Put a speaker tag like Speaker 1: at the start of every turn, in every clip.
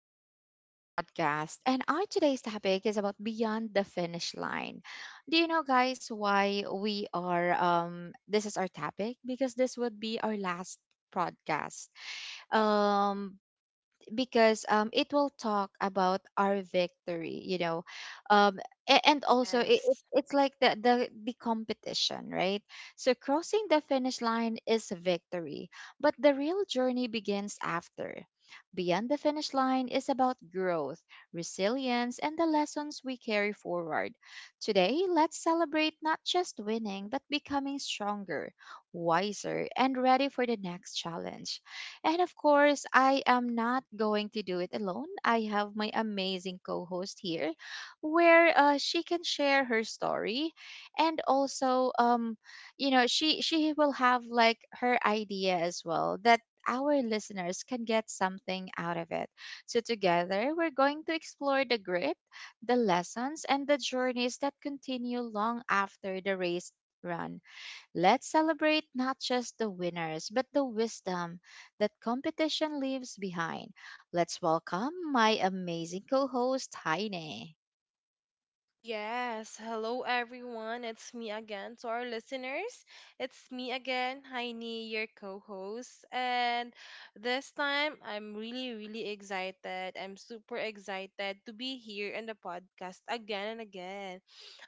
Speaker 1: to our podcast. And our today's topic is about beyond the finish line. Do you know, guys, why we are? This is our topic because this would be our last podcast. Um, because it will talk about our victory, um, and also it, it-
Speaker 2: Yes.
Speaker 1: it's like the competition, right? So crossing the finish line is a victory, but the real journey begins after. Beyond the finish line is about growth, resilience, and the lessons we carry forward. Today, let's celebrate not just winning, but becoming stronger, wiser, and ready for the next challenge. And of course, I am not going to do it alone. I have my amazing co host here where she can share her story and also, she will have like her idea as well that our listeners can get something out of it. So, together, we're going to explore the grit, the lessons, and the journeys that continue long after the race run. Let's celebrate not just the winners, but the wisdom that competition leaves behind. Let's welcome my amazing co host, Heine.
Speaker 2: Yes. Hello, everyone. It's me again to our listeners. It's me again, Heini, your co host. And this time, I'm really, really excited. I'm super excited to be here in the podcast again and again.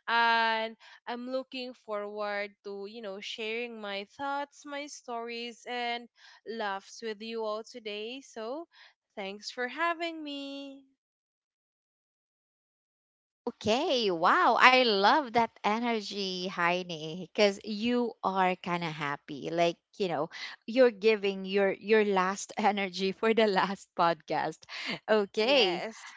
Speaker 2: And I'm looking forward to, you know, sharing my thoughts, my stories, and laughs with you all today. So, thanks for having me.
Speaker 1: Okay, wow, I love that energy, Heine, because you are kind of happy. Like, you're giving your last energy for the last podcast. Okay.
Speaker 2: Yes.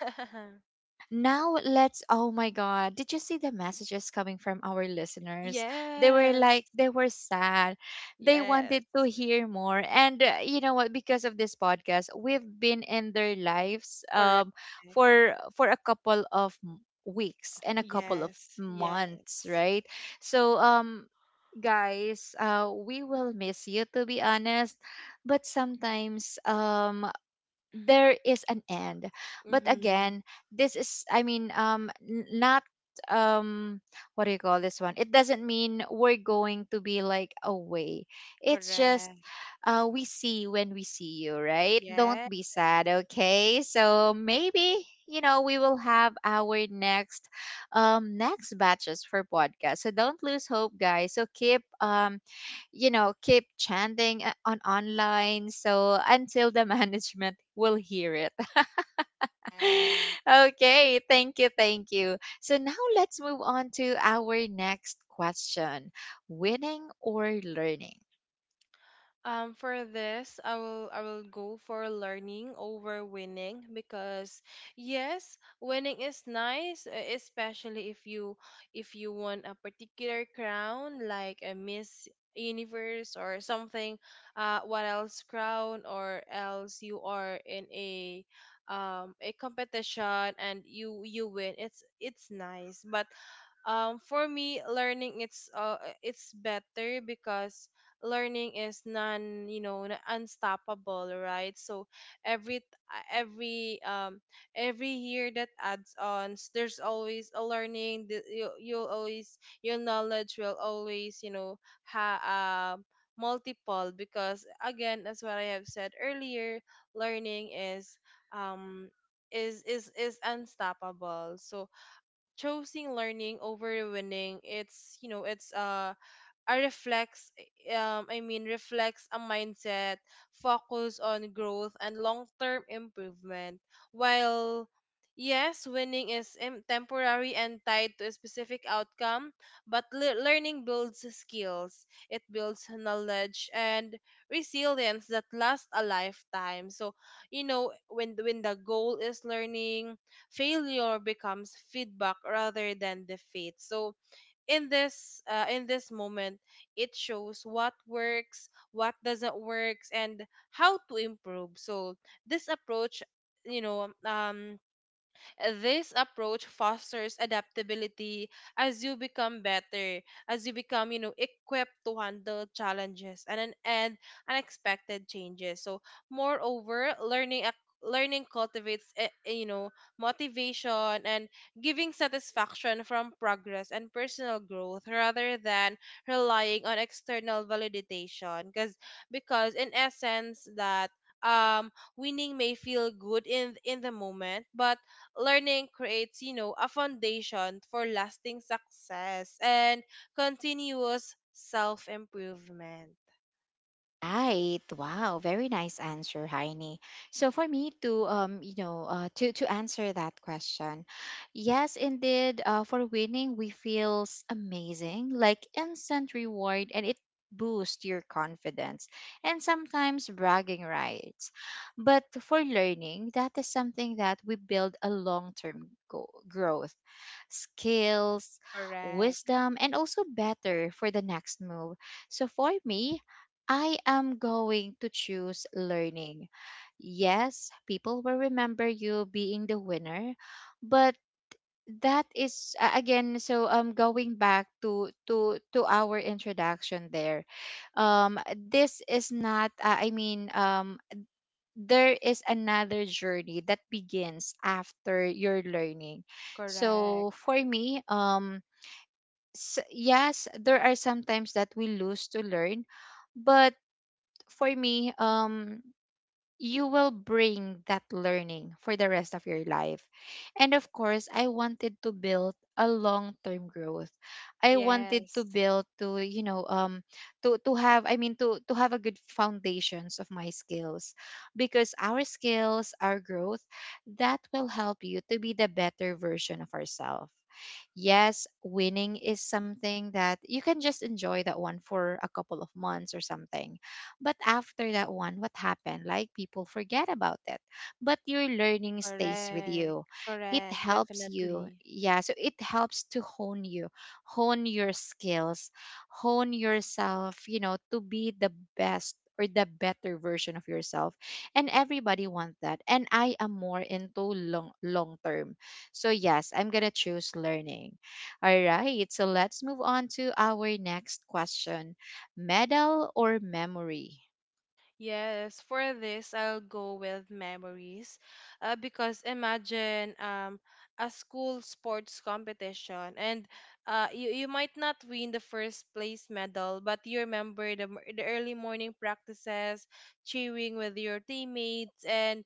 Speaker 1: Now let's Oh my god, did you see the messages coming from our listeners? They were
Speaker 2: Yes,
Speaker 1: like they were sad. They
Speaker 2: yes,
Speaker 1: wanted to hear more. And you know what, because of this podcast, we've been in their lives
Speaker 2: correct.
Speaker 1: for a couple of weeks and a couple of
Speaker 2: Yes,
Speaker 1: months,
Speaker 2: yes.
Speaker 1: right? So, guys, we will miss you, to be honest. But sometimes there is an end. But
Speaker 2: Mm-hmm.
Speaker 1: again, this is, I mean, not, um what do you call this one, it doesn't mean we're going to be like away. It's just,
Speaker 2: Correct.
Speaker 1: we see when we see you, right? Don't
Speaker 2: Yeah.
Speaker 1: be sad. Okay. So maybe, we will have our next batches for podcast. So don't lose hope, guys. So keep chanting on online so until the management will hear it. Okay, thank you, thank you. So now let's move on to our next question: winning or learning?
Speaker 2: For this, I will go for learning over winning because yes, winning is nice, especially if you want a particular crown like a Miss Universe or something, what else crown or else you are in a competition and you win. It's nice, but for me learning it's it's better because learning is non, you know, unstoppable, right? So every t- every every year that adds on, there's always a learning that you, you'll always your knowledge will always you know ha um multiple because again as what I have said earlier learning is um is unstoppable. So choosing learning over winning, it's, you know, it's a reflects, I mean reflects a mindset focus on growth and long-term improvement, while yes winning is temporary and tied to a specific outcome, but learning builds skills, it builds knowledge and resilience that last a lifetime. So you know when the goal is learning, failure becomes feedback rather than defeat. So in this moment, it shows what works, what doesn't works, and how to improve. So this approach, you know, this approach fosters adaptability as you become better, as you become, you know, equipped to handle challenges and an and unexpected changes. So, moreover, learning cultivates, you know, motivation and giving satisfaction from progress and personal growth rather than relying on external validation. Because in essence that, um winning may feel good in the moment, but learning creates, you know, a foundation for lasting success and continuous self improvement.
Speaker 1: Right. Wow. Very nice answer, Heini. So for me to you know, to answer that question, yes, indeed. For winning, we feels amazing, like instant reward, and it boosts your confidence and sometimes bragging rights. But for learning, that is something that we build a long term growth, skills,
Speaker 2: Correct.
Speaker 1: wisdom, and also better for the next move. So for me, I am going to choose learning. Yes, people will remember you being the winner, but that is again. So going back to our introduction there, this is not, I mean, there is another journey that begins after your learning. So
Speaker 2: Correct.
Speaker 1: for me, yes, there are some times that we lose to learn. But for me, you will bring that learning for the rest of your life. And of course, I wanted to build a long-term growth. I wanted to
Speaker 2: Yes.
Speaker 1: build to have, I mean, to have a good foundations of my skills, because our skills, our growth, that will help you to be the better version of ourselves. Yes, winning is something that you can just enjoy that one for a couple of months or something. But after that one, what happened? Like people forget about it. But your learning stays with
Speaker 2: Correct.
Speaker 1: you. It
Speaker 2: Correct.
Speaker 1: helps you.
Speaker 2: Definitely.
Speaker 1: Yeah. So it helps to hone you, hone your skills, hone yourself, to be the best or the better version of yourself. And everybody wants that. And I am more into long term. So yes, I'm gonna choose learning. All right. So let's move on to our next question: medal or memory?
Speaker 2: Yes, for this, I'll go with memories. Because imagine, a school sports competition, and you might not win the first place medal, but you remember the early morning practices, cheering with your teammates, and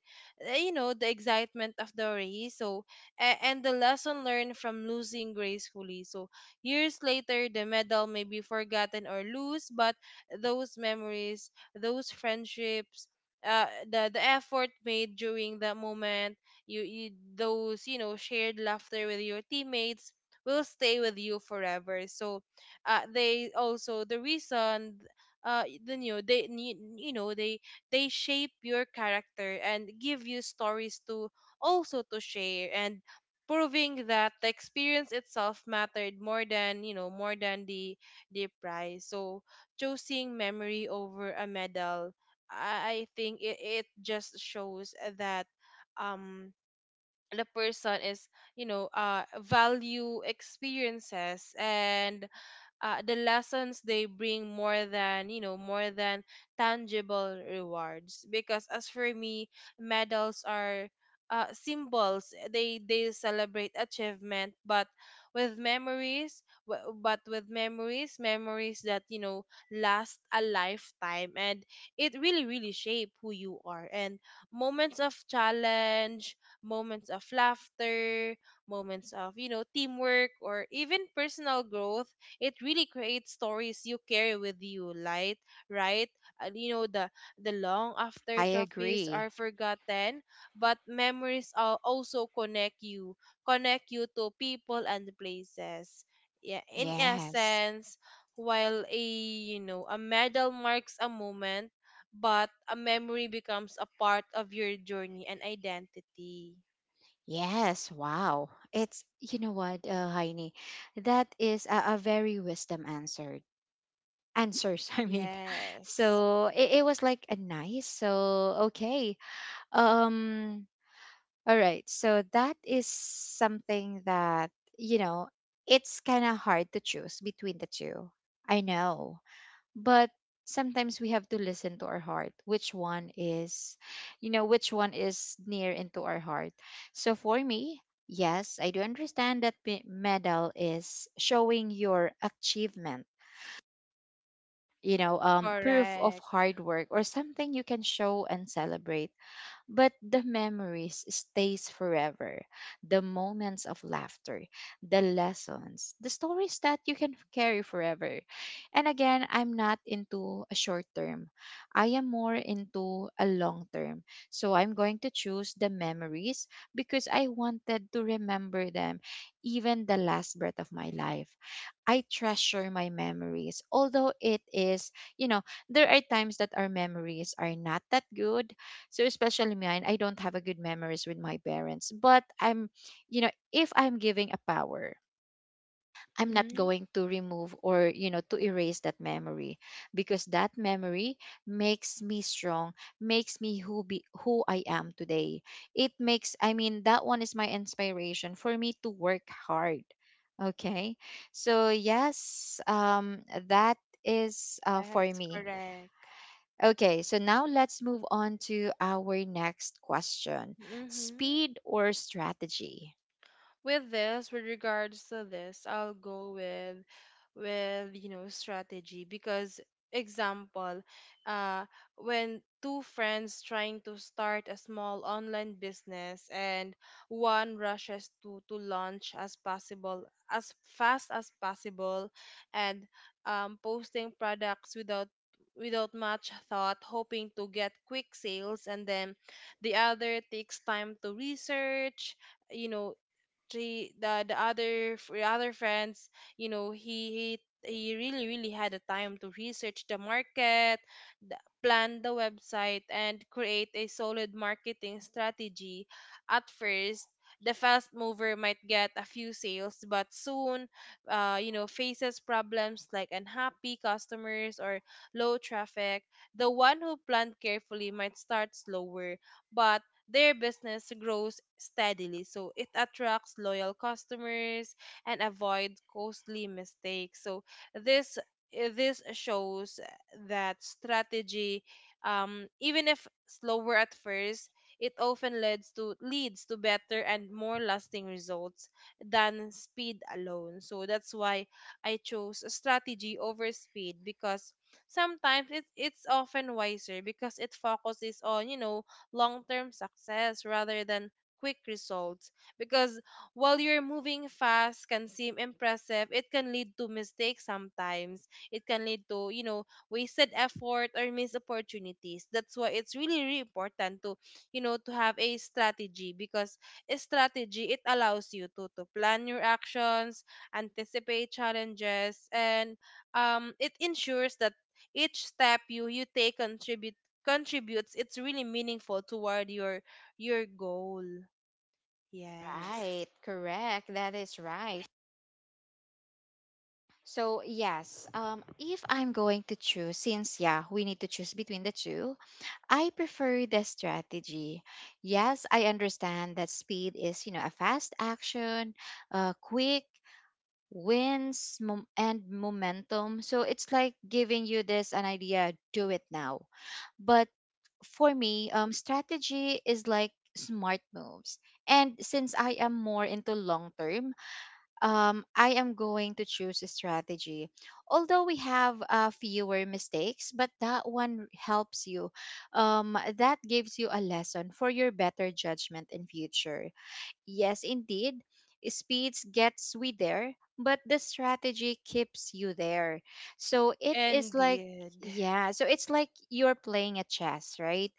Speaker 2: you know, the excitement of the race. So, and the lesson learned from losing gracefully. So, years later, the medal may be forgotten or loose, but those memories, those friendships, the effort made during that moment, you those, you know, shared laughter with your teammates will stay with you forever. So they also the reason then you know they need you know they shape your character and give you stories to also to share, and proving that the experience itself mattered more than, you know, more than the prize. So choosing memory over a medal, I think it just shows that um the person is, you know, value experiences and the lessons they bring more than, you know, more than tangible rewards. Because as for me, medals are symbols, they celebrate achievement. But with memories, memories that, you know, last a lifetime and it really really shape who you are. And moments of challenge, moments of laughter, moments of, you know, teamwork or even personal growth, it really creates stories you carry with you, light, right? And you know the long after
Speaker 1: I
Speaker 2: trophies
Speaker 1: agree.
Speaker 2: are forgotten, but memories al- also connect you to people and places. Yeah, in
Speaker 1: Yes.
Speaker 2: essence, while a, you know, a medal marks a moment, but a memory becomes a part of your journey and identity.
Speaker 1: Yes. Wow. It's, you know what, Heini, that is a very wisdom answered. Answers, I mean.
Speaker 2: Yes.
Speaker 1: So it was like a nice. So, okay. Um, all right. So that is something that, you know, it's kind of hard to choose between the two. I know. But sometimes we have to listen to our heart, which one is near into our heart. So for me, yes, I do understand that medal is showing your achievement, proof of
Speaker 2: Correct.
Speaker 1: hard work or something you can show and celebrate. But the memories stays forever, the moments of laughter, the lessons, the stories that you can carry forever. And again, I'm not into a short term, I am more into a long term. So I'm going to choose the memories, because I wanted to remember them, even the last breath of my life. I treasure my memories. Although it is, you know, there are times that our memories are not that good. So especially mine, I don't have a good memories with my parents. But I'm, if I'm giving a power, I'm not
Speaker 2: Mm-hmm.
Speaker 1: going to remove or, to erase that memory, because that memory makes me strong, makes me who I am today. It makes, I mean, that one is my inspiration for me to work hard. Okay. So yes, that is, for
Speaker 2: Yes,
Speaker 1: me.
Speaker 2: correct.
Speaker 1: Okay, so now let's move on to our next question:
Speaker 2: Mm-hmm.
Speaker 1: speed or strategy?
Speaker 2: With this, with regards to this, I'll go with, you know, strategy. Because example, uh, when two friends trying to start a small online business, and one rushes to launch as possible, as fast as possible, and, posting products without much thought, hoping to get quick sales. And then the other takes time to research, you know, three the other other friends, you know, he he really really had the time to research the market, plan the website and create a solid marketing strategy. At first, the fast mover might get a few sales, but soon you know, faces problems like unhappy customers or low traffic. The one who planned carefully might start slower, but their business grows steadily, so it attracts loyal customers and avoid costly mistakes. So this, this shows that strategy, even if slower at first, it often leads to better and more lasting results than speed alone. So that's why I chose a strategy over speed, because sometimes it's often wiser because it focuses on, you know, long term success rather than quick results. Because while you're moving fast can seem impressive, it can lead to mistakes sometimes. It can lead to, you know, wasted effort or missed opportunities. That's why it's really, really important to, you know, to have a strategy. Because a strategy, it allows you to plan your actions, anticipate challenges, and it ensures that each step you take contributes, it's really meaningful toward your goal. Yes,
Speaker 1: Right, correct. That is right. So, yes, if I'm going to choose, since yeah, we need to choose between the two, I prefer the strategy. Yes, I understand that speed is, a fast action, quick wins, and momentum. So it's like giving you this an idea, do it now. But for me, strategy is like smart moves. And since I am more into long term, I am going to choose a strategy. Although we have fewer mistakes, but that one helps you. That gives you a lesson for your better judgment in future. Yes, indeed. Speeds gets we there, but the strategy keeps you there. So it is like,
Speaker 2: indeed.
Speaker 1: yeah, so it's like you're playing a chess, right?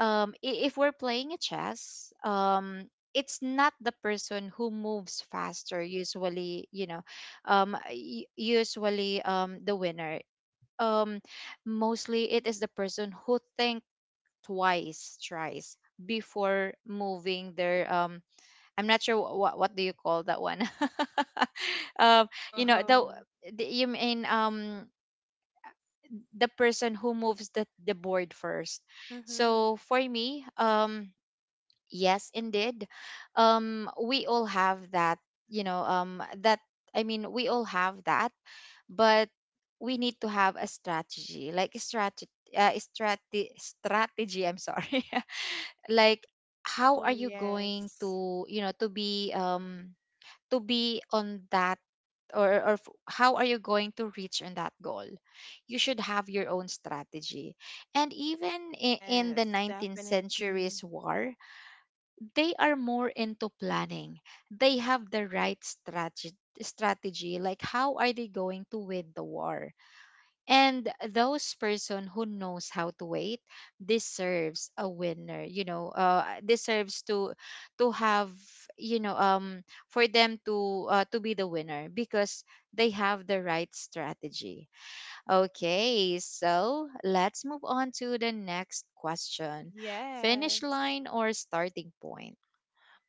Speaker 1: If we're playing a chess, it's not the person who moves faster usually, you know, y- usually the winner. Um, mostly it is the person who think twice, thrice before moving their I'm not sure what do you call that one. um, you know
Speaker 2: Oh.
Speaker 1: the, the you mean the person who moves the board first.
Speaker 2: Mm-hmm.
Speaker 1: So for me, yes, indeed, we all have that. You know, um, that I mean, we all have that, but we need to have a strategy, like a strategy, strategy. I'm sorry, like, how
Speaker 2: Oh,
Speaker 1: are you going
Speaker 2: yes.
Speaker 1: to, to be on that, how are you going to reach on that goal. You should have your own strategy, and even in the
Speaker 2: Yes,
Speaker 1: 19th
Speaker 2: definitely.
Speaker 1: century's war, they are more into planning, they have the right strategy, like how are they going to win the war. And those person who knows how to wait deserves a winner, deserves to have, you know um for them to be the winner, because they have the right strategy. Okay, so let's move on to the next question: finish
Speaker 2: Yes.
Speaker 1: line or starting point?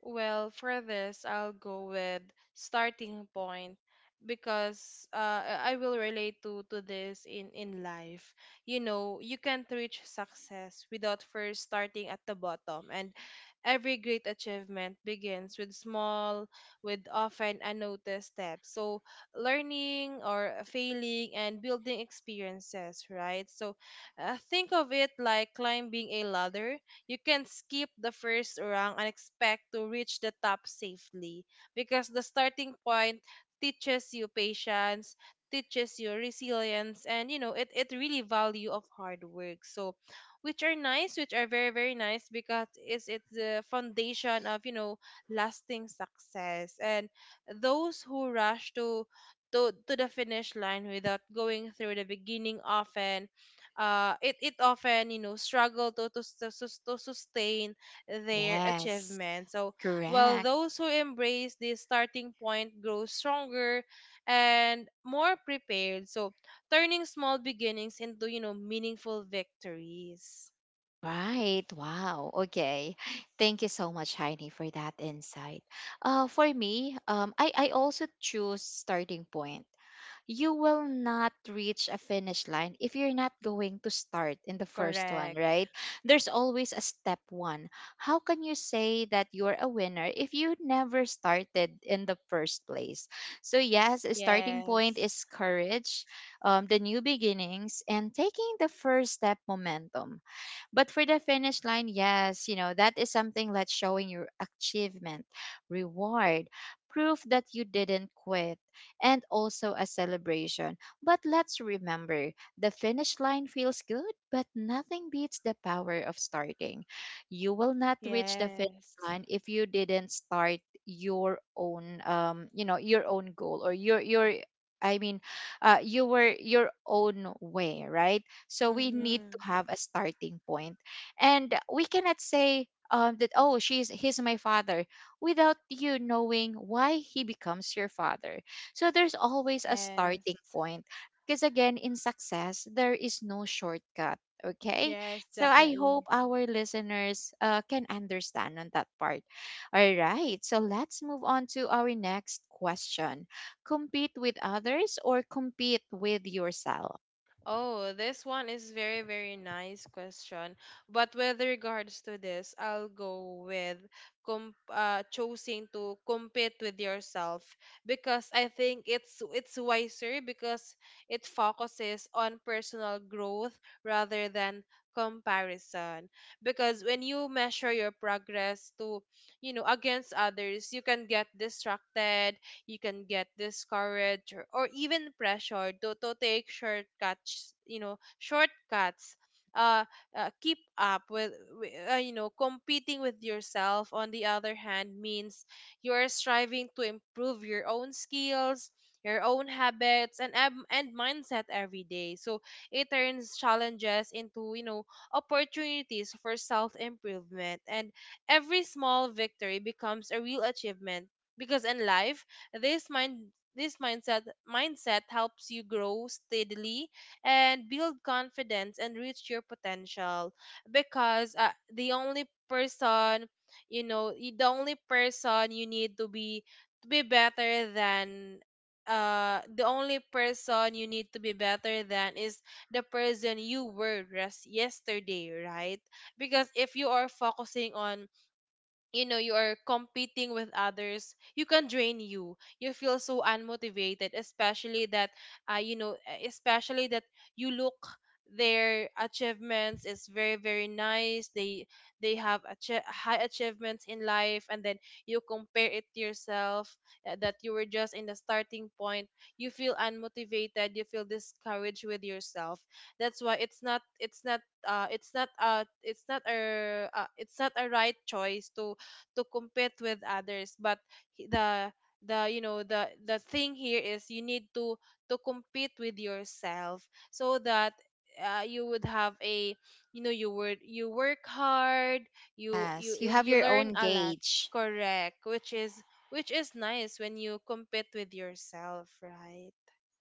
Speaker 2: Well, for this, I'll go with starting point, because I will relate to this in life. You know, you can't reach success without first starting at the bottom, and every great achievement begins with small, with often unnoticed steps. So, learning or failing and building experiences, right? So, think of it like climbing a ladder. You can skip the first rung and expect to reach the top safely, because the starting point teaches you patience, teaches you resilience, and, you know, it really value of hard work. So which are nice, which are very, very nice, because it's the foundation of, you know, lasting success. And those who rush to to the finish line without going through the beginning often it often, you know, struggle to to sustain their
Speaker 1: Yes,
Speaker 2: achievement. So while
Speaker 1: correct.
Speaker 2: those who embrace this starting point grow stronger and more prepared. So turning small beginnings into, you know, meaningful victories.
Speaker 1: Right. Wow. Okay. Thank you so much, Heini, for that insight. For me, I also choose starting point. You will not reach a finish line if you're not going to start in the first one,
Speaker 2: Correct.
Speaker 1: right? There's always a step one. How can you say that you're a winner if you never started in the first place? So, yes, a starting point
Speaker 2: Yes.
Speaker 1: is courage, the new beginnings, and taking the first step momentum. But for the finish line, yes, that is something like showing your achievement, reward, proof that you didn't quit, and also a celebration. But let's remember, the finish line feels good, but nothing beats the power of starting. You will not reach the finish
Speaker 2: Yes.
Speaker 1: line if you didn't start your own goal or your, I mean, you were your own way, right? So we need to
Speaker 2: Mm-hmm.
Speaker 1: have a starting point. And we cannot say, that, oh, she's he's my father without you knowing why he becomes your father. So there's always a
Speaker 2: Yes.
Speaker 1: starting point. Because again, in success, there is no shortcut. Okay.
Speaker 2: Yes,
Speaker 1: So I
Speaker 2: definitely.
Speaker 1: hope our listeners can understand on that part. All right. So let's move on to our next question: compete with others or compete with yourself?
Speaker 2: Oh, this one is very, very nice question. But with regards to this, I'll go with com choosing to compete with yourself, because I think it's wiser because it focuses on personal growth rather than comparison. Because when you measure your progress to, you know, against others, you can get distracted, you can get discouraged, or even pressured to take shortcuts, you know, shortcuts uh, keep up with wi- you know, competing with yourself on the other hand means you're striving to improve your own skills, your own habits, and mindset every day. So it turns challenges into, you know, opportunities for self improvement, and every small victory becomes a real achievement. Because in life this mindset helps you grow steadily and build confidence and reach your potential. Because the only person, you know, the only person you need to be, to be better than the only person you need to be better than is the person you were just yesterday, right? Because if you are focusing on, you know, you are competing with others, you can drain you, you feel so unmotivated, especially that you know, especially that you look their achievements is very very nice, they have high achievements in life, and then you compare it to yourself that you were just in the starting point, you feel unmotivated, you feel discouraged with yourself. That's why it's not it's not it's not it's not a it's not a right choice to compete with others. But he- the the you know, the thing here is you need to compete with yourself, so that you would have a, you know, you would you work hard, you you
Speaker 1: Yes, you have
Speaker 2: you
Speaker 1: your
Speaker 2: learn
Speaker 1: own
Speaker 2: a lot.
Speaker 1: gauge.
Speaker 2: Correct, which is nice when you compete with yourself, right?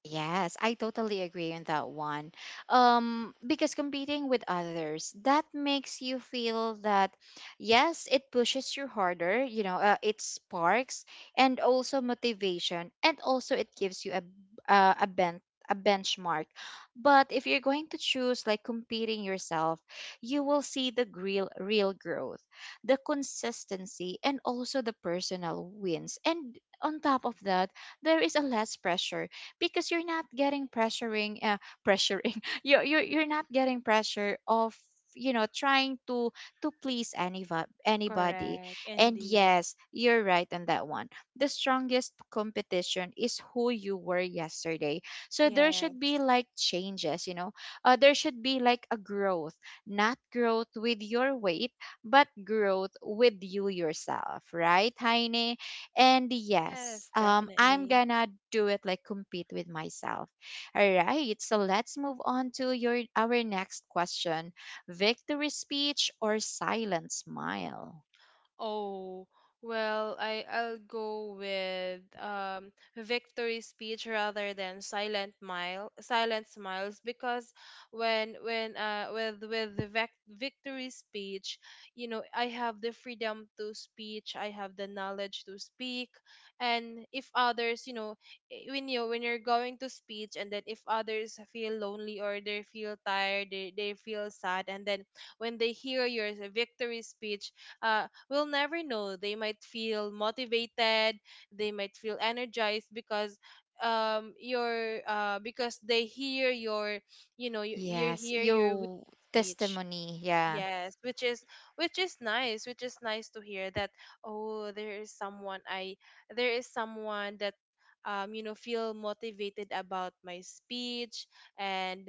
Speaker 1: Yes, I totally agree on that one. Because competing with others, that makes you feel that, yes, it pushes you harder, it sparks and also motivation, and also it gives you a bent a benchmark. But if you're going to choose like competing yourself, you will see the real growth, the consistency, and also the personal wins. And on top of that, there is a less pressure because you're not getting pressuring you're not getting pressure of trying to please anybody.
Speaker 2: Correct,
Speaker 1: And
Speaker 2: indeed.
Speaker 1: yes, you're right on that one. The strongest competition is who you were yesterday, so there should be
Speaker 2: Yes.
Speaker 1: like changes, there should be like a growth, not growth with your weight, but growth with you yourself, right, Heine? And yes,
Speaker 2: Yes,
Speaker 1: I'm
Speaker 2: definitely.
Speaker 1: gonna do it like compete with myself. All right, so let's move on to your our next question: victory speech or silent smile?
Speaker 2: Oh, well, I'll go with, um, victory speech rather than silent smiles. Because when with the vec victory speech, you know, I have the freedom to speech, I have the knowledge to speak. And if others, you know, when you when you're going to speech, and then if others feel lonely or they feel tired, they feel sad, and then when they hear your victory speech we'll never know. They might feel motivated, they might feel energized because your because they hear your you
Speaker 1: Yes,
Speaker 2: hear your
Speaker 1: your
Speaker 2: speech.
Speaker 1: testimony. Yeah,
Speaker 2: Yes, which is, which is nice, which is nice to hear that, oh, there is someone I There is someone that, feel motivated about my speech. and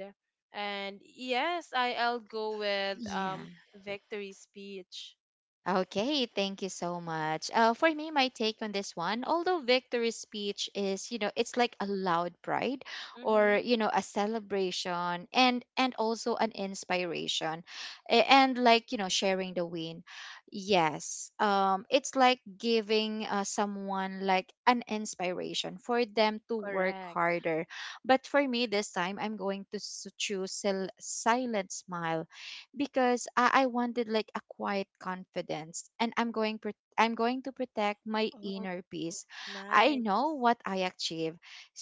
Speaker 2: and yes, I'll go with
Speaker 1: yeah.
Speaker 2: victory speech.
Speaker 1: Okay, thank you so much. For me, my take on this one, although victory speech is, you know, it's like a loud pride or,
Speaker 2: Mm-hmm.
Speaker 1: you know, a celebration and also an inspiration and like, you know, sharing the win. Yes. It's like giving someone like an inspiration for them to work
Speaker 2: Correct.
Speaker 1: harder. But for me this time, I'm going to choose silent smile because I wanted like a quiet confidence, and I'm going to protect my
Speaker 2: Oh,
Speaker 1: inner peace. I
Speaker 2: nice.
Speaker 1: know what I achieve.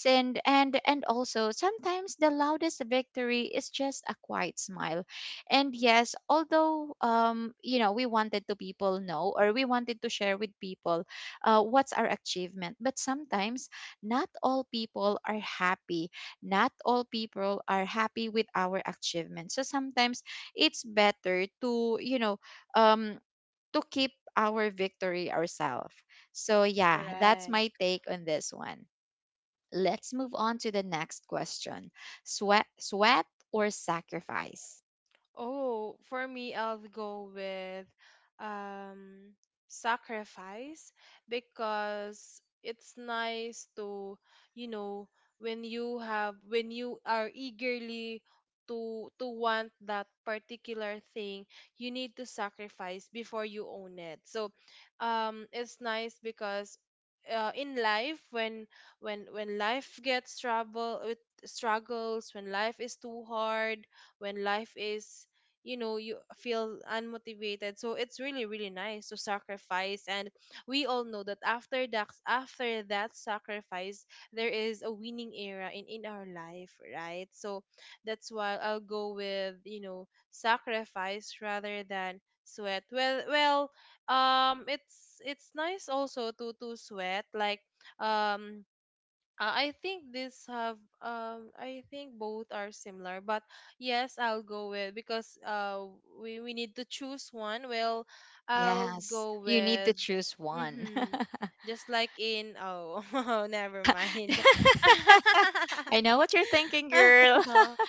Speaker 1: And also sometimes the loudest victory is just a quiet smile. And yes, although you know we wanted to people know, or we wanted to share with people what's our achievement, but sometimes not all people are happy. Not all people are happy with our achievement. So sometimes it's better to, um to keep our victory ourselves. So yeah, that's my
Speaker 2: Correct.
Speaker 1: take on this one. Let's move on to the next question: sweat or sacrifice?
Speaker 2: Oh, for me, I'll go with um, sacrifice, because it's nice to, you know, when you have, when you are eagerly to want that particular thing, you need to sacrifice before you own it. So, it's nice because in life when when life gets trouble with struggles, when life is too hard, when life is, you know, you feel unmotivated, so it's really, really nice to sacrifice. And we all know that after that sacrifice there is a winning era in our life, right? So that's why I'll go with, you know, sacrifice rather than sweat. Well, it's nice also to sweat, like, um I think this have, I think both are similar, but yes, I'll go with, because we need to choose one. Well, I'll
Speaker 1: Yes,
Speaker 2: go
Speaker 1: you need to
Speaker 2: with,
Speaker 1: choose one.
Speaker 2: mm-hmm, just like in, oh never mind.
Speaker 1: I know what you're thinking, girl.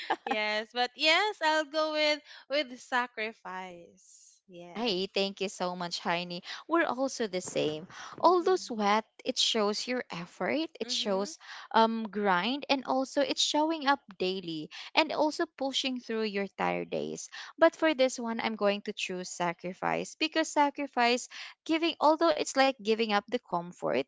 Speaker 2: Yes, but yes, I'll go with sacrifice, yes.
Speaker 1: Hi, thank you so much, Heini. We're also the same. Although
Speaker 2: Mm-hmm.
Speaker 1: sweat, it shows your effort, it
Speaker 2: Mm-hmm.
Speaker 1: shows grind, and also it's showing up daily and also pushing through your tired days. But for this one, I'm going to choose sacrifice because sacrifice giving, although it's like giving up the comfort,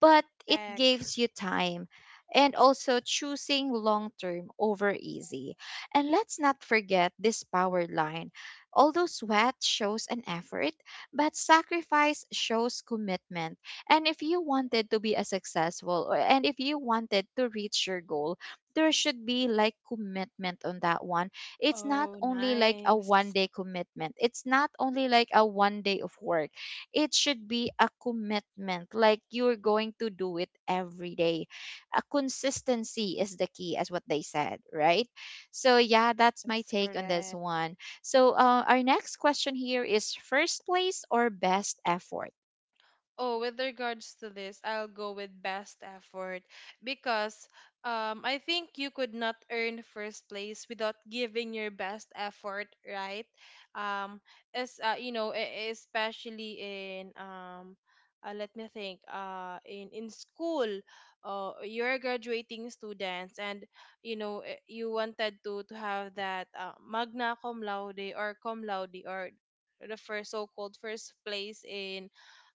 Speaker 1: but it
Speaker 2: Correct.
Speaker 1: gives you time. And also choosing long term over easy. And let's not forget this power line. Although sweat shows an effort, but sacrifice shows commitment. And if you wanted to be a successful, or and if you wanted to reach your goal, there should be like commitment on that one. It's not
Speaker 2: Oh,
Speaker 1: only like a one
Speaker 2: nice.
Speaker 1: day commitment. It's not only like a one day of work. It should be a commitment like you're going to do it every day. A consistency is the key as what they said, right? So yeah, that's my
Speaker 2: Yes,
Speaker 1: take on this
Speaker 2: correct.
Speaker 1: one. So, our next question here is: first place or best effort?
Speaker 2: Oh, with regards to this, I'll go with best effort, because, I think you could not earn first place without giving your best effort, right? Um, as you know, especially in, let me think, in school, you're graduating students, and you know, you wanted to have that, magna cum laude or cum laude, or the first so-called first place in,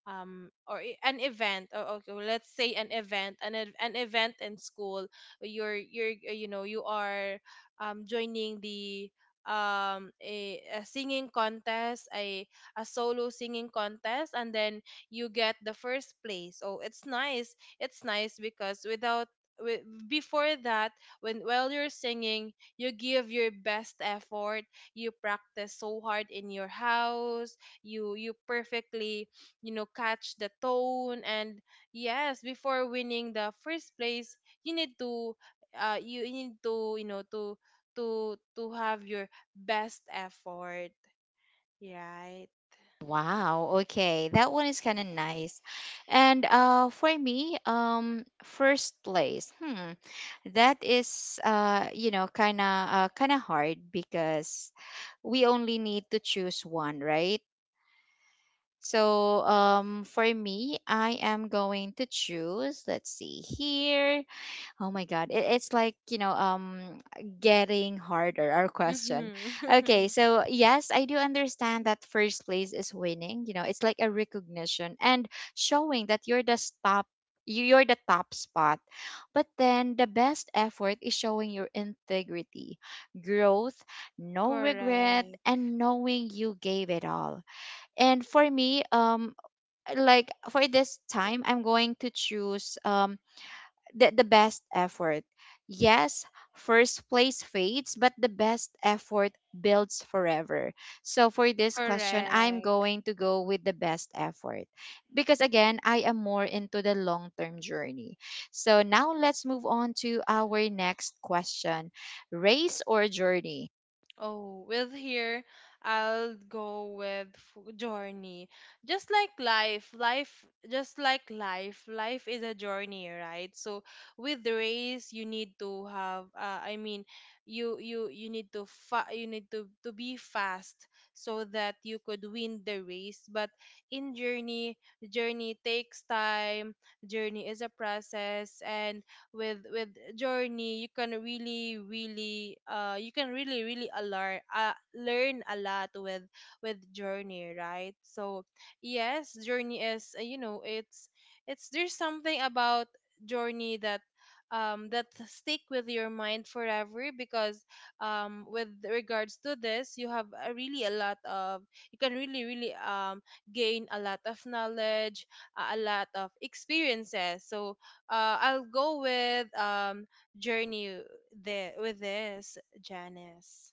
Speaker 2: an event, or, okay, well, let's say an event, an event in school. You're you know, you are joining the, a singing contest, a solo singing contest, and then you get the first place. So it's nice, it's nice because without, before that, when, while you're singing, you give your best effort, you practice so hard in your house, you perfectly, you know, catch the tone. And yes, before winning the first place, you need to, you need to, you know, to to have your best effort, right?
Speaker 1: Wow, okay. That one is kind of nice. And for me, first place. Hmm. That is you know, kind of hard because we only need to choose one, right? So, for me, I am going to choose, let's see here. Oh my God. It's like, you know, getting harder, our question.
Speaker 2: Mhm.
Speaker 1: Okay, so yes, I do understand that first place is winning. You know, it's like a recognition and showing that you're the top, you're the top spot. But then the best effort is showing your integrity, growth, no regret,
Speaker 2: Correct.
Speaker 1: and knowing you gave it all. And for me, like for this time, I'm going to choose the best effort. Yes, first place fades, but the best effort builds forever. So for this question, I'm
Speaker 2: Correct.
Speaker 1: going to go with the best effort because again, I am more into the long term journey. So now let's move on to our next question: race or journey?
Speaker 2: Oh, with here, I'll go with journey. Just like life, life is a journey, right? So with the race, you need to have, I mean, you need to you need to be fast so that you could win the race. But in journey, journey takes time. Journey is a process. And with, journey you can really, really, you can really, really alarm learn a lot with journey, right? So yes, journey is, you know, it's, there's something about journey that, that stick with your mind forever, because, with regards to this, you have a really a lot of, you can really, really, gain a lot of knowledge, a lot of experiences. So I'll go with, journey, the, with this, Janice.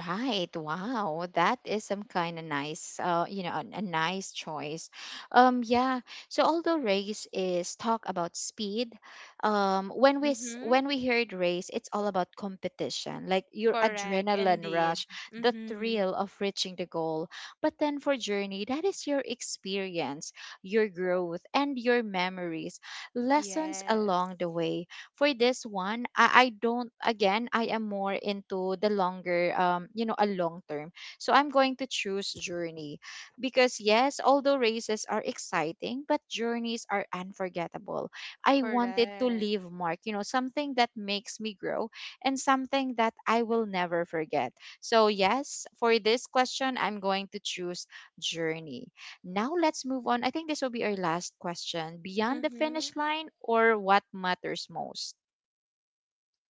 Speaker 1: Right. Wow. That is some kind of nice, you know, a nice choice. Yeah. So although race is talk about speed, when
Speaker 2: Mm-hmm.
Speaker 1: when we heard race, it's all about competition, like your
Speaker 2: Correct,
Speaker 1: adrenaline
Speaker 2: indeed.
Speaker 1: rush, the
Speaker 2: Mm-hmm.
Speaker 1: thrill of reaching the goal. But then for journey, that is your experience, your growth, and your memories, lessons
Speaker 2: Yes.
Speaker 1: along the way. For this one, I don't, again, I am more into the longer, you know, a long term. So I'm going to choose journey because yes, although races are exciting, but journeys are unforgettable. I wanted to
Speaker 2: Correct.
Speaker 1: leave mark, you know, something that makes me grow and something that I will never forget. So yes, for this question, I'm going to choose journey. Now let's move on. I think this will be our last question. Beyond the
Speaker 2: Mm-hmm.
Speaker 1: finish line or what matters most?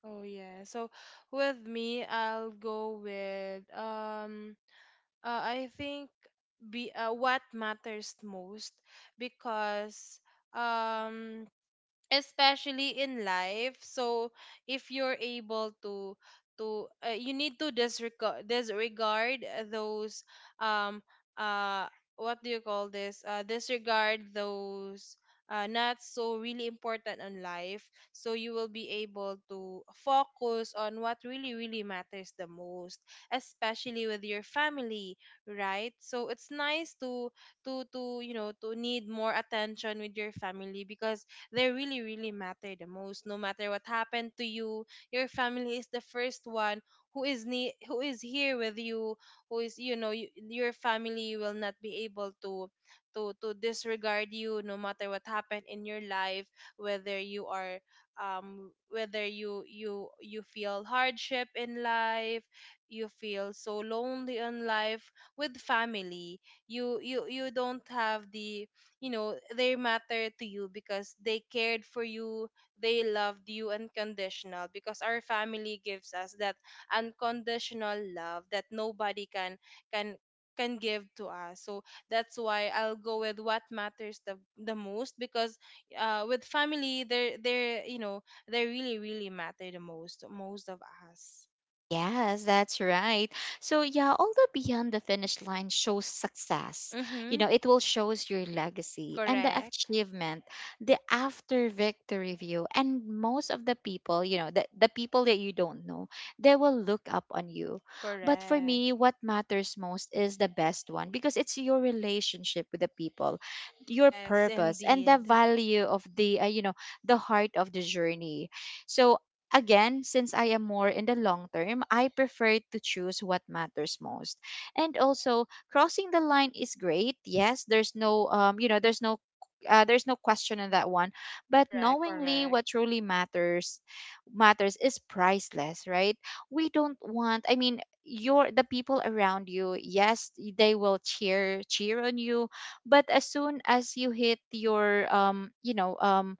Speaker 2: Oh yeah. So with me, I'll go with, I think, be what matters most, because, um especially in life. So if you're able to you need to disregard those, um uh what do you call this, disregard those not so really important in life, so you will be able to focus on what really, really matters the most, especially with your family, right? So it's nice to, you know, to need more attention with your family, because they really, really matter the most. No matter what happened to you, your family is the first one who is, who is here with you, who is, you know, you, your family will not be able to, to disregard you, no matter what happened in your life, whether you are, whether you feel hardship in life, you feel so lonely in life. With family, you don't have the, you know, they matter to you because they cared for you, they loved you unconditional, because our family gives us that unconditional love that nobody can can give to us. So that's why I'll go with what matters the most, because, with family they're, you know, they really, really matter the most, most of us.
Speaker 1: Yes, that's right. So yeah, all the beyond the finish line shows success. You
Speaker 2: Mm-hmm.
Speaker 1: know, it will shows your legacy and the
Speaker 2: Correct.
Speaker 1: achievement, the after victory view. And most of the people, you know, the people that you don't know, they will look up on you. But for
Speaker 2: Correct.
Speaker 1: me, what matters most is the best one because it's your relationship with the people, your
Speaker 2: Yes,
Speaker 1: purpose and the
Speaker 2: indeed.
Speaker 1: value of the, you know, the heart of the journey. So again, since I am more in the long term, I prefer to choose what matters most. And also, crossing the line is great. Yes, there's no you know, there's no question on that one, but
Speaker 2: Correct.
Speaker 1: knowingly
Speaker 2: Correct.
Speaker 1: what truly matters is priceless, right? We don't want, I mean, your, the people around you, yes, they will cheer on you, but as soon as you hit your, um you know um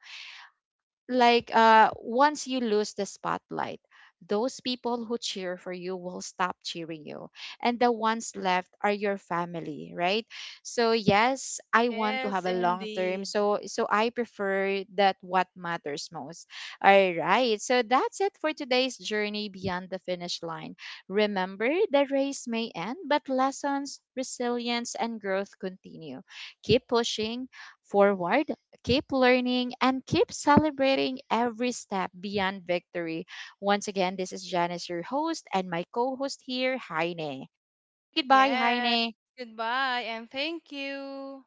Speaker 1: like uh once you lose the spotlight, those people who cheer for you will stop cheering you, and the ones left are your family, right? So yes, I want to
Speaker 2: Yes,
Speaker 1: have a long term,
Speaker 2: indeed.
Speaker 1: so I prefer that what matters most. All right, so that's it for today's journey beyond the finish line. Remember, the race may end, but lessons, resilience, and growth continue. Keep pushing forward, keep learning, and keep celebrating every step beyond victory. Once again, this is Janice, your host, and my co host here, Heine. Goodbye,
Speaker 2: Yes.
Speaker 1: Heine.
Speaker 2: Goodbye and thank you.